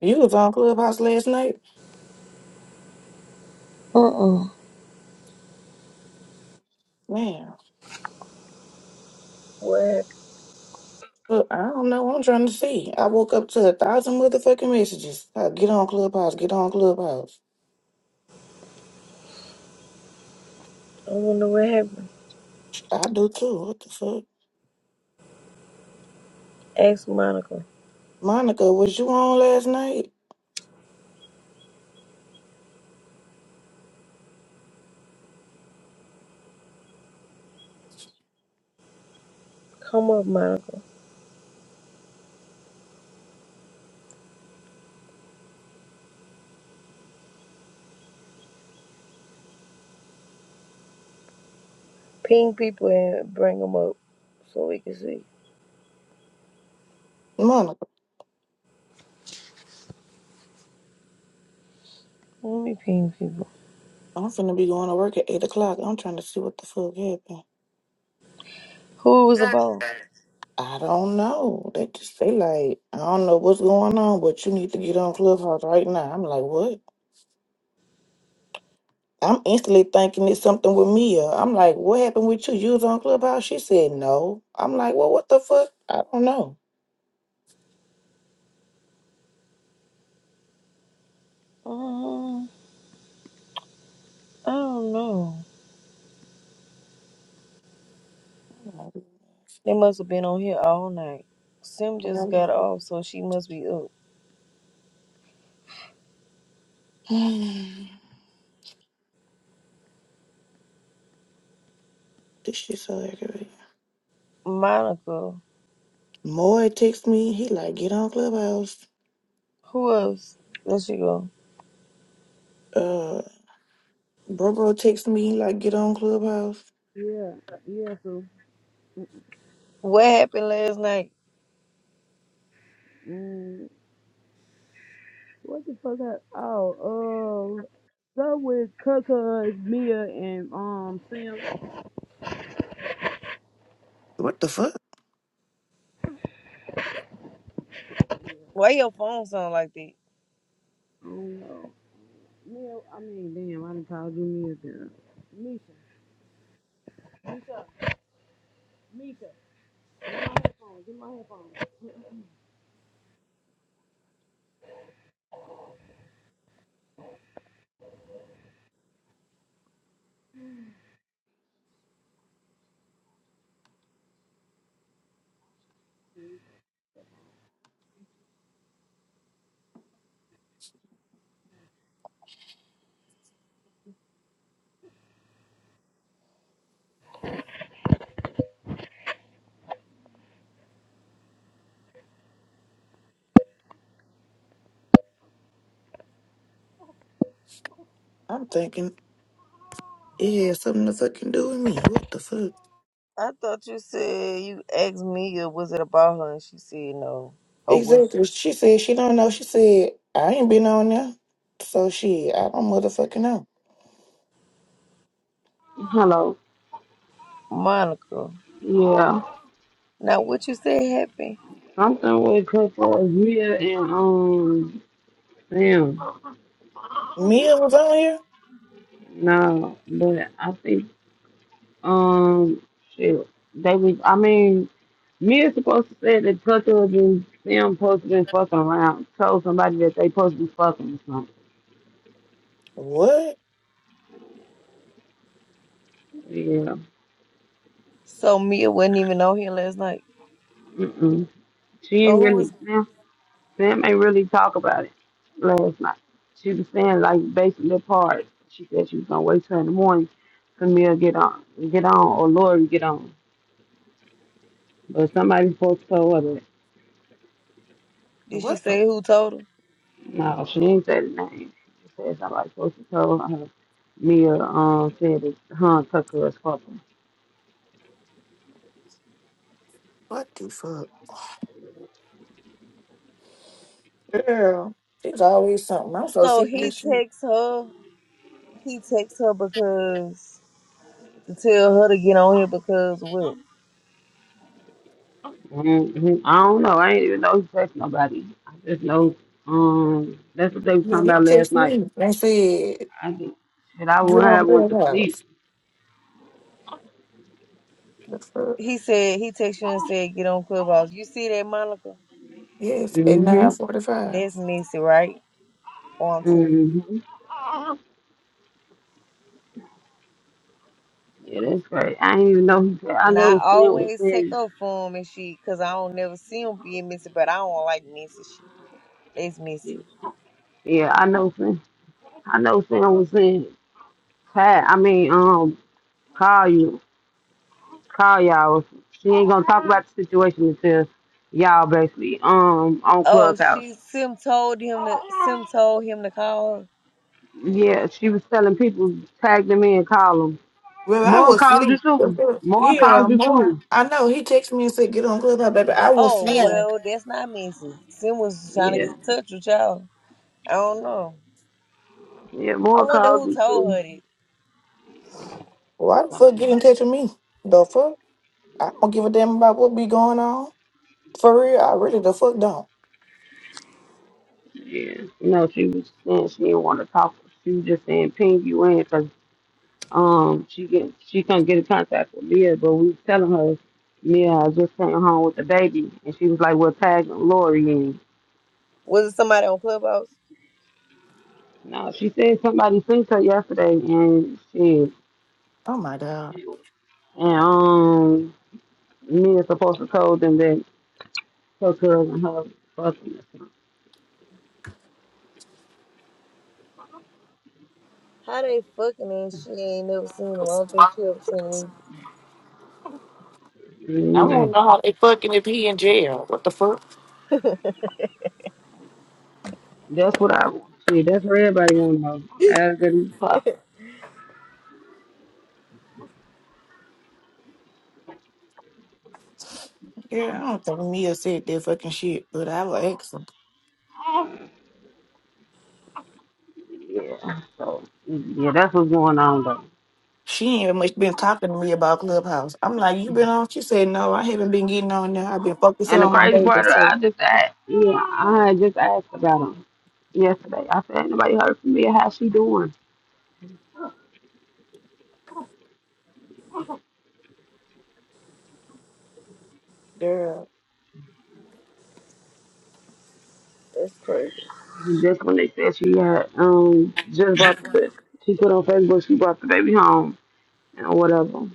You was on Clubhouse last night? Uh-uh. Man, What happened? look, I don't know I'm trying to see. I woke up to a thousand motherfucking messages. Uh, get on Clubhouse, get on Clubhouse. I wonder what happened. I do too. What the fuck? Ask Monica. Monica, was you on last night? Come up, Monica. Ping people and bring them up so we can see. Monica, Let me ping people. I'm finna be going to work at 8 o'clock. I'm trying to see what the fuck happened. Who it was about? I don't know. They just, say like, I don't know what's going on, but you need to get on Clubhouse right now. I'm like, what? I'm instantly thinking it's something with Mia. I'm like, what happened with you? You was on Clubhouse? She said no. I'm like, well, what the fuck? I don't know. Um, I don't know. They must have been on here all night. Sim just got off, so she must be up. this shit so aggravating. Monica. Moy texts me. He like, get on Clubhouse. Who else? There she go. Uh, Bro Bro texts me. He like, get on Clubhouse. Yeah, yeah. So, What happened last night? mm, what the fuck? I, oh, uh, stuff with Kaka, Mia, and um Sam. I What the fuck? Why your phone sound like that? don't know. Mia, I mean, damn, I done called you Mia, girl. Misha, Misha, Misha. Get my headphones. Get my headphones. I'm thinking it has something to fucking do with me. What the fuck? I thought you said you asked Mia was it about her, and she said no. Exactly. She said she don't know. She said I ain't been on there. So shit, I don't motherfucking know. Hello. Monica. Yeah, Now, what you said happened. something with Kaka, Mia, and um Sam. Mia was on here. No, but I think um shit. They was. I mean. Me is supposed to say that Tucker and Sam supposed to been fucking around. Told somebody that they supposed to be fucking or something. What? Yeah. So Mia wasn't even on here last night. Mm-mm. She So ain't who was? really Sam. Sam ain't really talk about it last night. She was saying like basically parts. She said she was gonna wait till in the morning for me to get on, get on, or Lori get on. But somebody supposed to tell her that. Did she What the say who told her? No, she ain't say the name. She said somebody supposed to tell her. Mia um said that her and Tucker was fucking. what the fuck? Girl, there's always something. I'm so So sick of he this shit. texts her. He texts her because to tell her to get on here because what? Mhm. I don't know. I ain't even know he touched nobody. I just know um that's what they was Man, talking he about last texted night. me and said, I did. Shit, I get wouldn't on have went to sleep. Clubhouse. The fuck? He said he texted you and said get on Clubhouse. You see that, Monica? Yes, at Mhm. 945. That's messy, right? Or I'm tripping. Mhm. Yeah, that's right. I didn't even know he said. I Now I know Sin was always take saying. up for him and shit because I don't never see him being messy, but I don't like messy shit. That's messy. Yeah, I know Sin. I know Sin was saying. Pat, I mean, um, call you, call y'all. She ain't gonna talk about the situation until y'all basically um on Oh, Clubhouse. she Sim told him to Sim told him to call her. Yeah, she was telling people tag them in, call 'em. Well, I More was calls you asleep. The too. fuck? More Yeah, calls you more. too. I know. He texted me and said, get on Clubhouse, baby. I was Oh, asleep. well, that's not Missy. Sim was trying to get Yeah. in touch with y'all. I don't know. Yeah, I more wonder calls who you told her too. that. Why the fuck get in touch with me? The fuck? I don't give a damn about what be going on. For real, I really the fuck don't. Yeah. No, she was saying she didn't want to talk. She was just saying ping you in because um she get she couldn't get in contact with Mia, but we was telling her Mia I just came home with the baby and she was like, we Well tag Lori in. Was it somebody on Clubhouse? No, she said somebody sent her yesterday and she Oh my god. and um Mia's supposed to told them that her cousin her fucking or How they fucking and she ain't never seen him. I don't think she ever seen him. I something. don't know how they fucking if he in jail. What the fuck? That's what I see. That's what everybody want to know as good as possible. Yeah, I don't think Mia said that fucking shit, but I will ask him. Yeah. So yeah, that's what's going on though. She ain't even much been talking to me about Clubhouse. I'm like, you been on? She said, no, I haven't been getting on there. I've been focusing And the on my crazy baby. part, So, I just asked. Yeah, I had just asked about him yesterday. I said, anybody heard from me? How's she doing? girl. That's crazy. And that's when they said she had um just bought the baby, she put on Facebook she brought the baby home and whatever.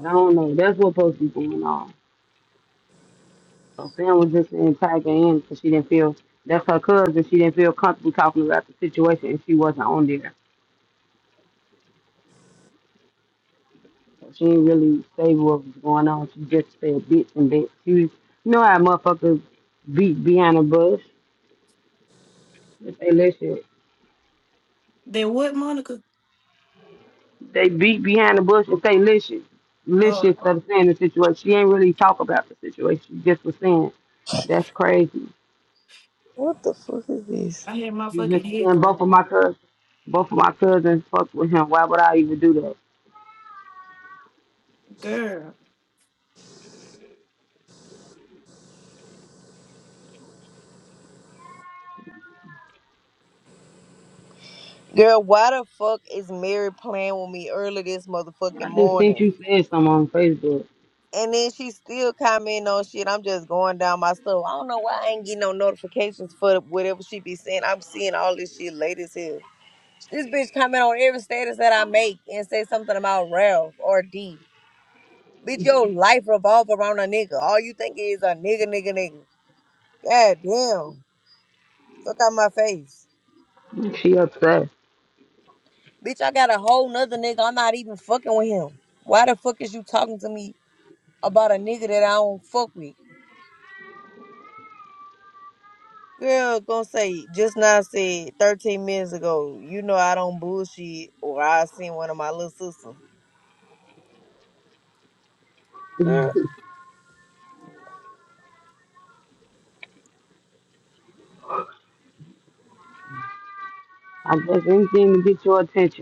I don't know. That's what's supposed to be going on. So Sam was just in Tiger in because she didn't feel that's her cousin. She didn't feel comfortable talking about the situation and she wasn't on there. She ain't really say what was going on. She just said bits and bits. She was, you know how motherfuckers beat behind the bush if they listen. Then what, Monica? They beat behind the bush if they listen. Oh, Listen instead of saying the situation. She ain't really talk about the situation. She just was saying, that's crazy. What the fuck is this? I had my She was fucking just was saying both headphones. of my cousins, both of my cousins fucked with him. Why would I even do that? Girl. Girl, why the fuck is Mary playing with me early this motherfucking I just think morning? you said something on Facebook. And then she still commenting on shit. I'm just going down my stuff. I don't know why I ain't getting no notifications for whatever she be saying. I'm seeing all this shit late as hell. This bitch comment on every status that I make and say something about Ralph or D. Bitch, your life revolve around a nigga. All you think is a nigga, nigga, nigga. God damn. Fuck out my face. She upset. Bitch, I got a whole nother nigga. I'm not even fucking with him. Why the fuck is you talking to me about a nigga that I don't fuck with? Girl, gonna say, just now said 13 minutes ago, you know I don't bullshit or I seen one of my little sisters. Girl. I guess anything to get your attention.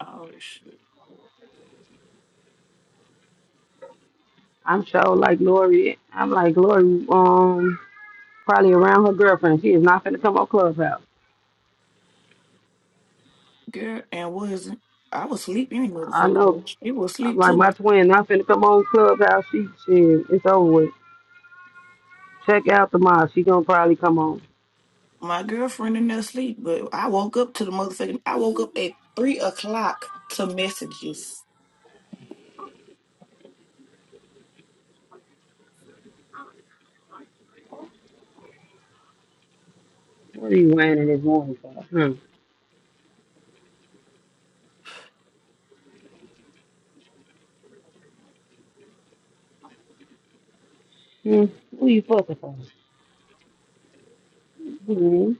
Oh, shit. I'm sure like Lori. I'm like Lori. Um, probably around her girlfriend. She is not finna come on Clubhouse. Girl, and was I was sleep any I know. motherfucker. It was I'm sleep like too. my twin. Not finna come on Clubhouse. She, she, it's over with. Check out the mom. She gonna probably come on. My girlfriend in there sleep, but I woke up to the motherfucking. I woke up at three o'clock to messages. What are you wearing in this morning for? Hmm. Hmm. Who you fucking for? Hmm.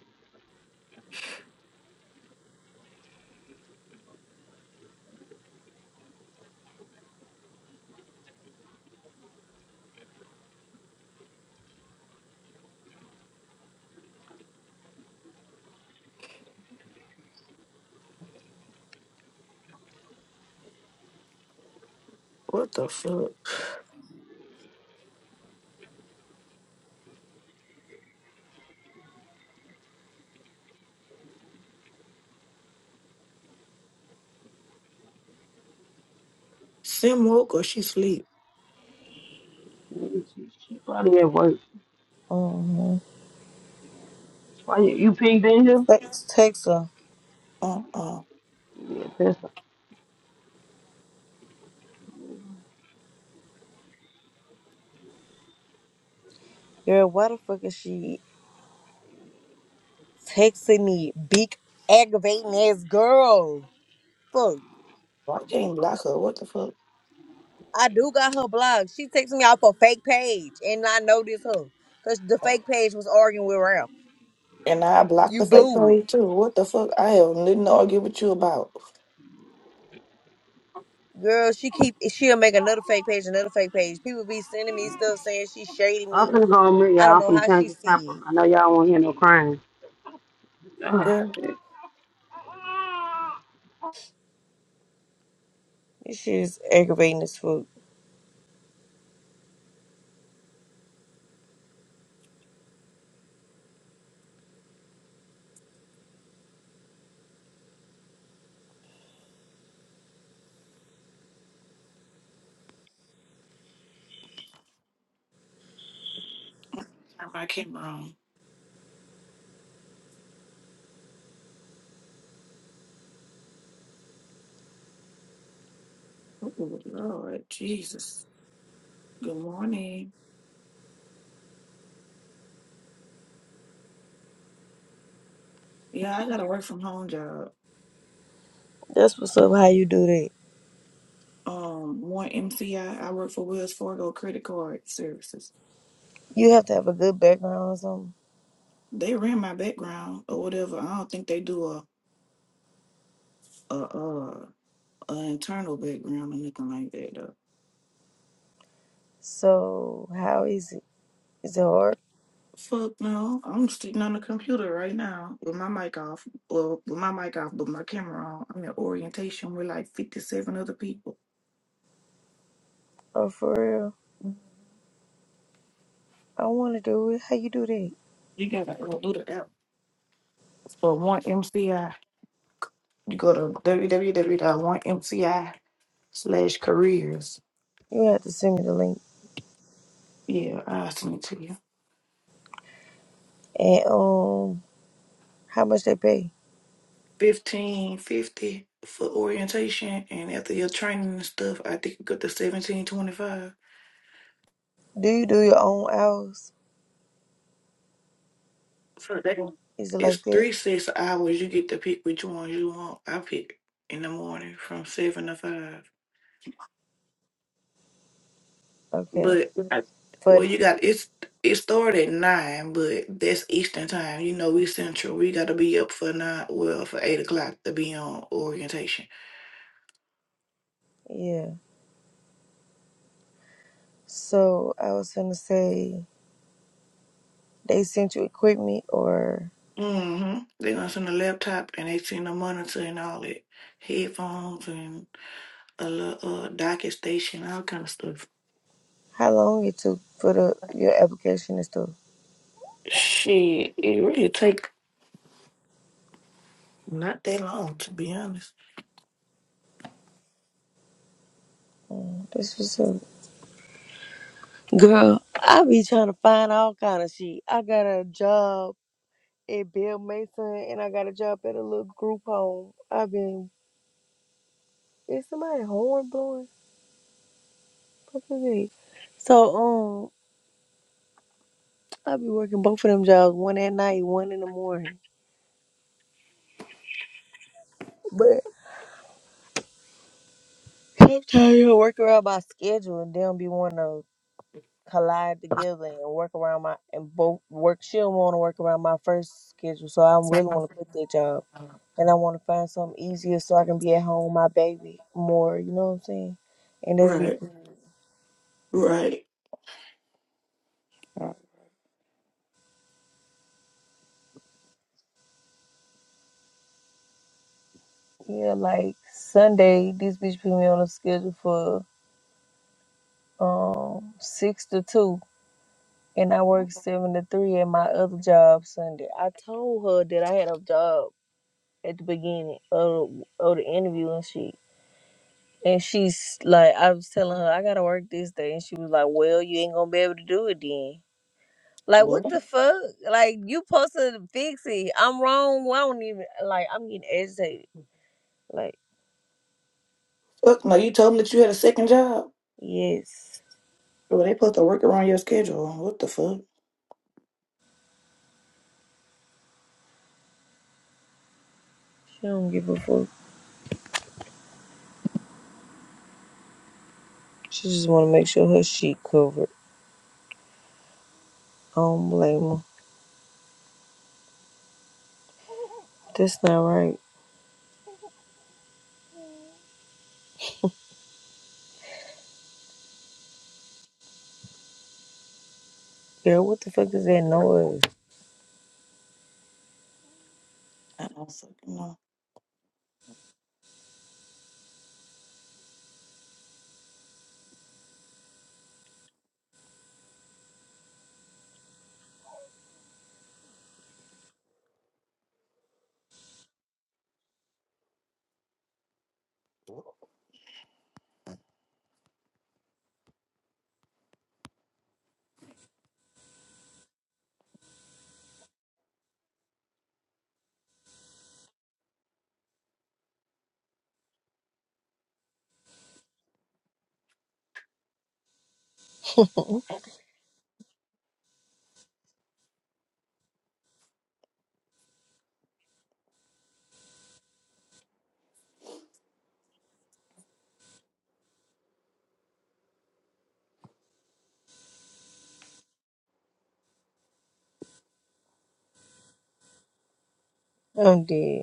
What the fuck? Sim woke or she sleep? She, she probably at work. hmm Why you, you pinged in here? Text, text her. Uh uh. Yeah, piss her. Girl, why the fuck is she? texting me, big aggravating ass girl. Fuck. I can't block her. What the fuck? I do got her blog. She texted me off a fake page and I know this her. Cause the fake page was arguing with Ralph. And I blocked You the fake blew it. page too. What the fuck? I have nothing to argue with you about. Girl, she keep she'll make another fake page, another fake page. People be sending me stuff saying she shading I'm me. finna go on mute, I y'all. don't I'm know finna how change she the see chopper. it. I know y'all won't hear no crying. Ugh, Girl, shit. This shit is aggravating as fuck. turn my camera on. Oh Lord, Jesus. Good morning. Yeah, I got a work from home job. That's what's up, how you do that. Um, one MCI. I I work for Wells Fargo Credit Card Services. You have to have a good background or something. They ran my background or whatever. I don't think they do a a uh a internal background or nothing like that though. So how is it? Is it hard? Fuck no, I'm sitting on the computer right now with my mic off. Well, with my mic off, but my camera on. I'm in orientation with like 57 other people. Oh for real? I wanna do it. How you do that? You gotta uh, do the app for one MCI. You go to www dot one mci slash careers You have to send me the link. Yeah, I'll send it to you. And um, how much they pay? Fifteen fifty for orientation, and after your training and stuff, I think you got the seventeen twenty five. Do you do your own hours? So that Is it like it's that? three six hours. You get to pick which ones you want. I pick in the morning from seven to five. Okay. But But well, you got it's it started at nine, but that's Eastern time. You know we Central. We got to be up for nine, well for eight o'clock to be on orientation. yeah. So I was gonna say they sent you equipment or Mm-hmm. They gonna send a laptop and they send a monitor and all that, headphones and a little uh, docket station, all kind of stuff. how long it took for the your application and stuff. Shit, it really take not that long to be honest. This was a girl. I be trying to find all kind of shit. I got a job at Bill Mason and I got a job at a little group home. I've been is somebody horn blowing? What is it? So I be working both of them jobs, one at night, one in the morning. But sometimes I work around my schedule and they don't be wanting to collide together and work around my and both work. She don't want to work around my first schedule, so I really want to quit that job and I want to find something easier so I can be at home with my baby more. You know what I'm saying? And that'll be Right, good. right. Right. Yeah, like Sunday, this bitch put me on a schedule for um six to two. and I work seven to three at my other job Sunday. I told her that I had a job at the beginning of, of the interview, and she and she's like, I was telling her I gotta work this day, and she was like, Well, you ain't gonna be able to do it then. Like what What? the fuck? Like you supposed to fix it. I'm wrong. I don't even like. I'm getting agitated. Like Fuck no, you told them that you had a second job. yes, Well, they supposed to work around your schedule. What the fuck? she don't give a fuck. She just want to make sure her sheet covered. I don't blame her. That's not right. Girl, what the fuck is that noise? I also, you know, I'm dead.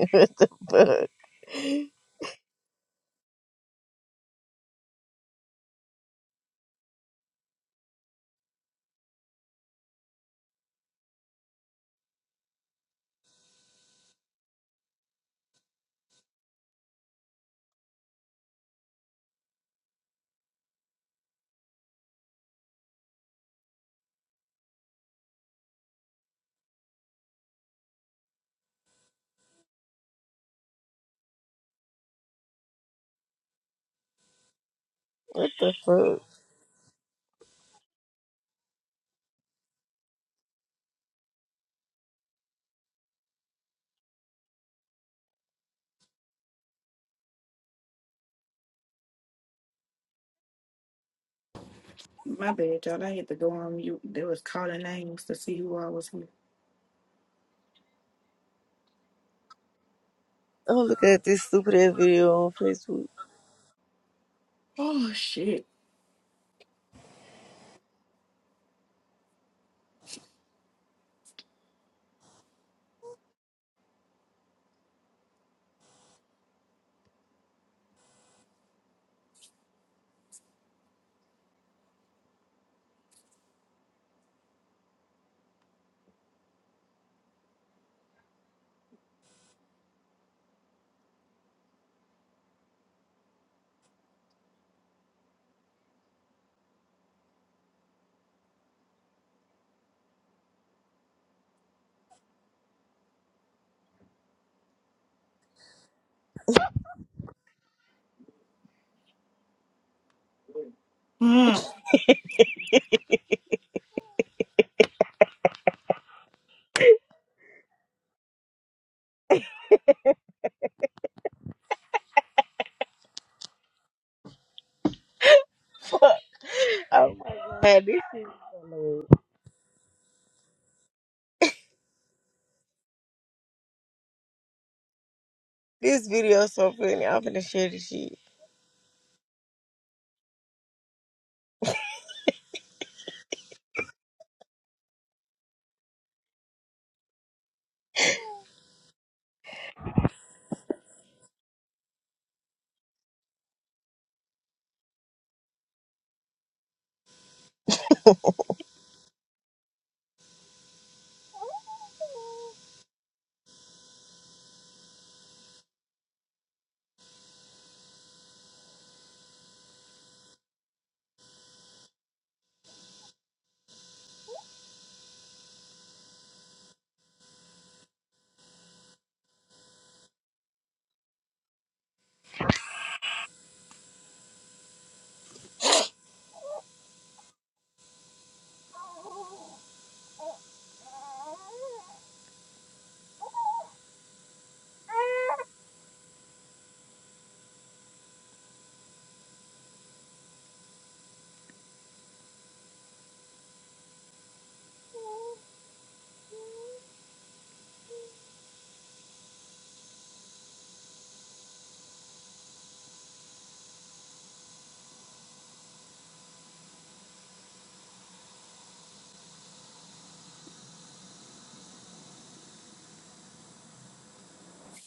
what the fuck? What the fuck? My bad, y'all. I had to go on mute. They was calling names to see who I was. Oh, look at this stupid ass video on Facebook. Oh shit. Mm, Fuck. Oh my god, this shit is hilarious. This video is so funny. I'm finna share this shit.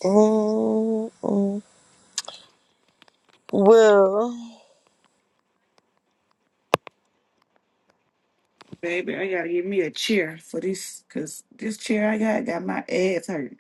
Mm-mm. Well, baby, I gotta get me a chair for this cause this chair I got got my ass hurt.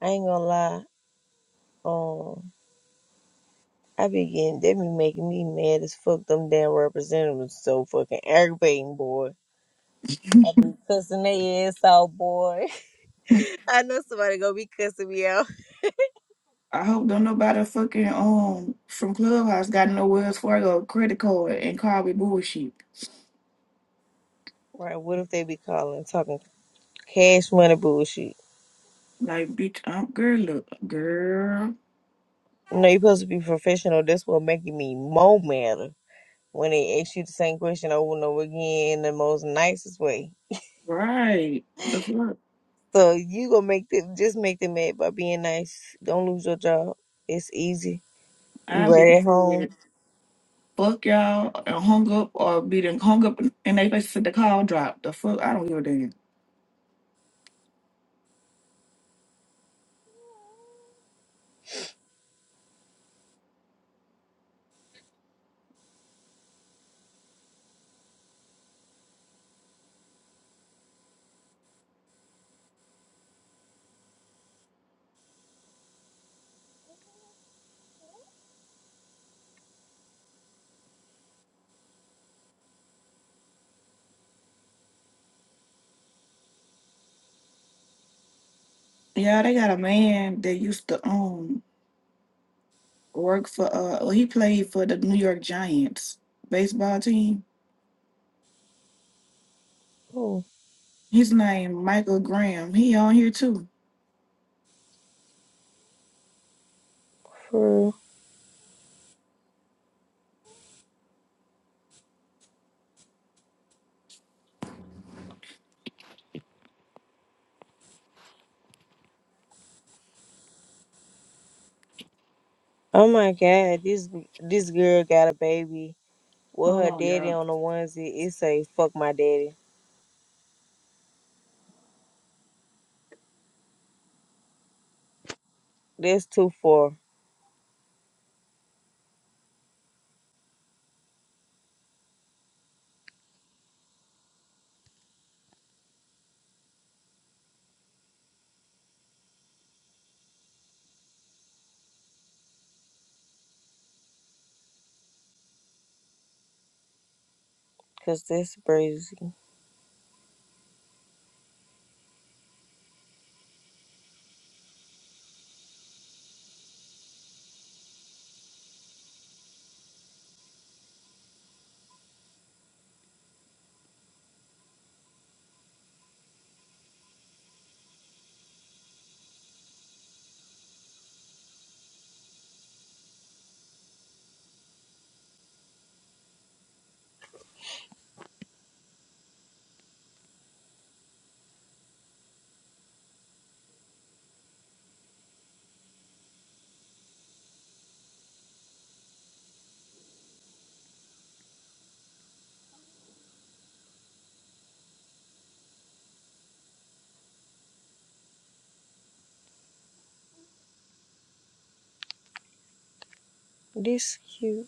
I ain't gonna lie. Um, I be getting they be making me mad as fuck. Them damn representatives so fucking aggravating, boy. I be cussing their ass out, boy. I know somebody gonna be cussing me out. I hope don't nobody fucking um from Clubhouse got no Wells Fargo credit card and call me bullshit. Right? What if they be calling, talking? Cash money bullshit. Like bitch, I'm girl look girl. You know, you're supposed to be professional. That's what making me more madder when they ask you the same question over and over again in the most nicest way. Right. The fuck? So you gonna make them just make them mad by being nice. Don't lose your job. It's easy. You I be the right at home. kid. Fuck y'all and hung up or be done hung up and they face said the call dropped. The fuck I don't give a damn. Yeah, they got a man that used to own. work for uh well, he played for the New York Giants baseball team. Oh, His name Michael Graham. He on here too. for real. Oh my god, this this girl got a baby with Hold her on, y'all. daddy on the onesie. It say "fuck my daddy." That's too far, cause that's crazy. This cute.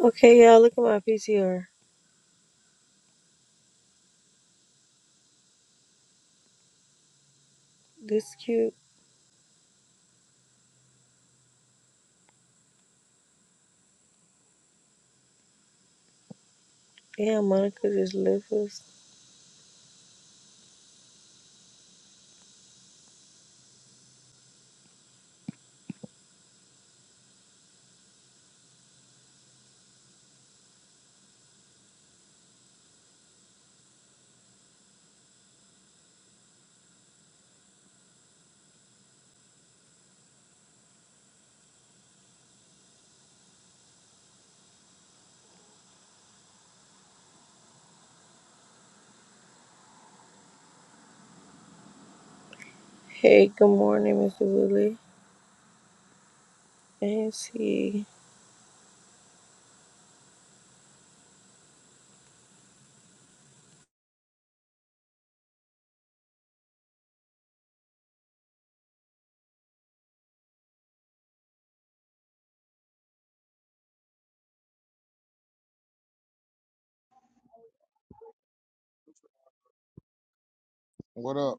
Okay, y'all, look at my PTR. This cute. Damn, Monica just left us. Hey, good morning, Mr. Willie. And did see. What up?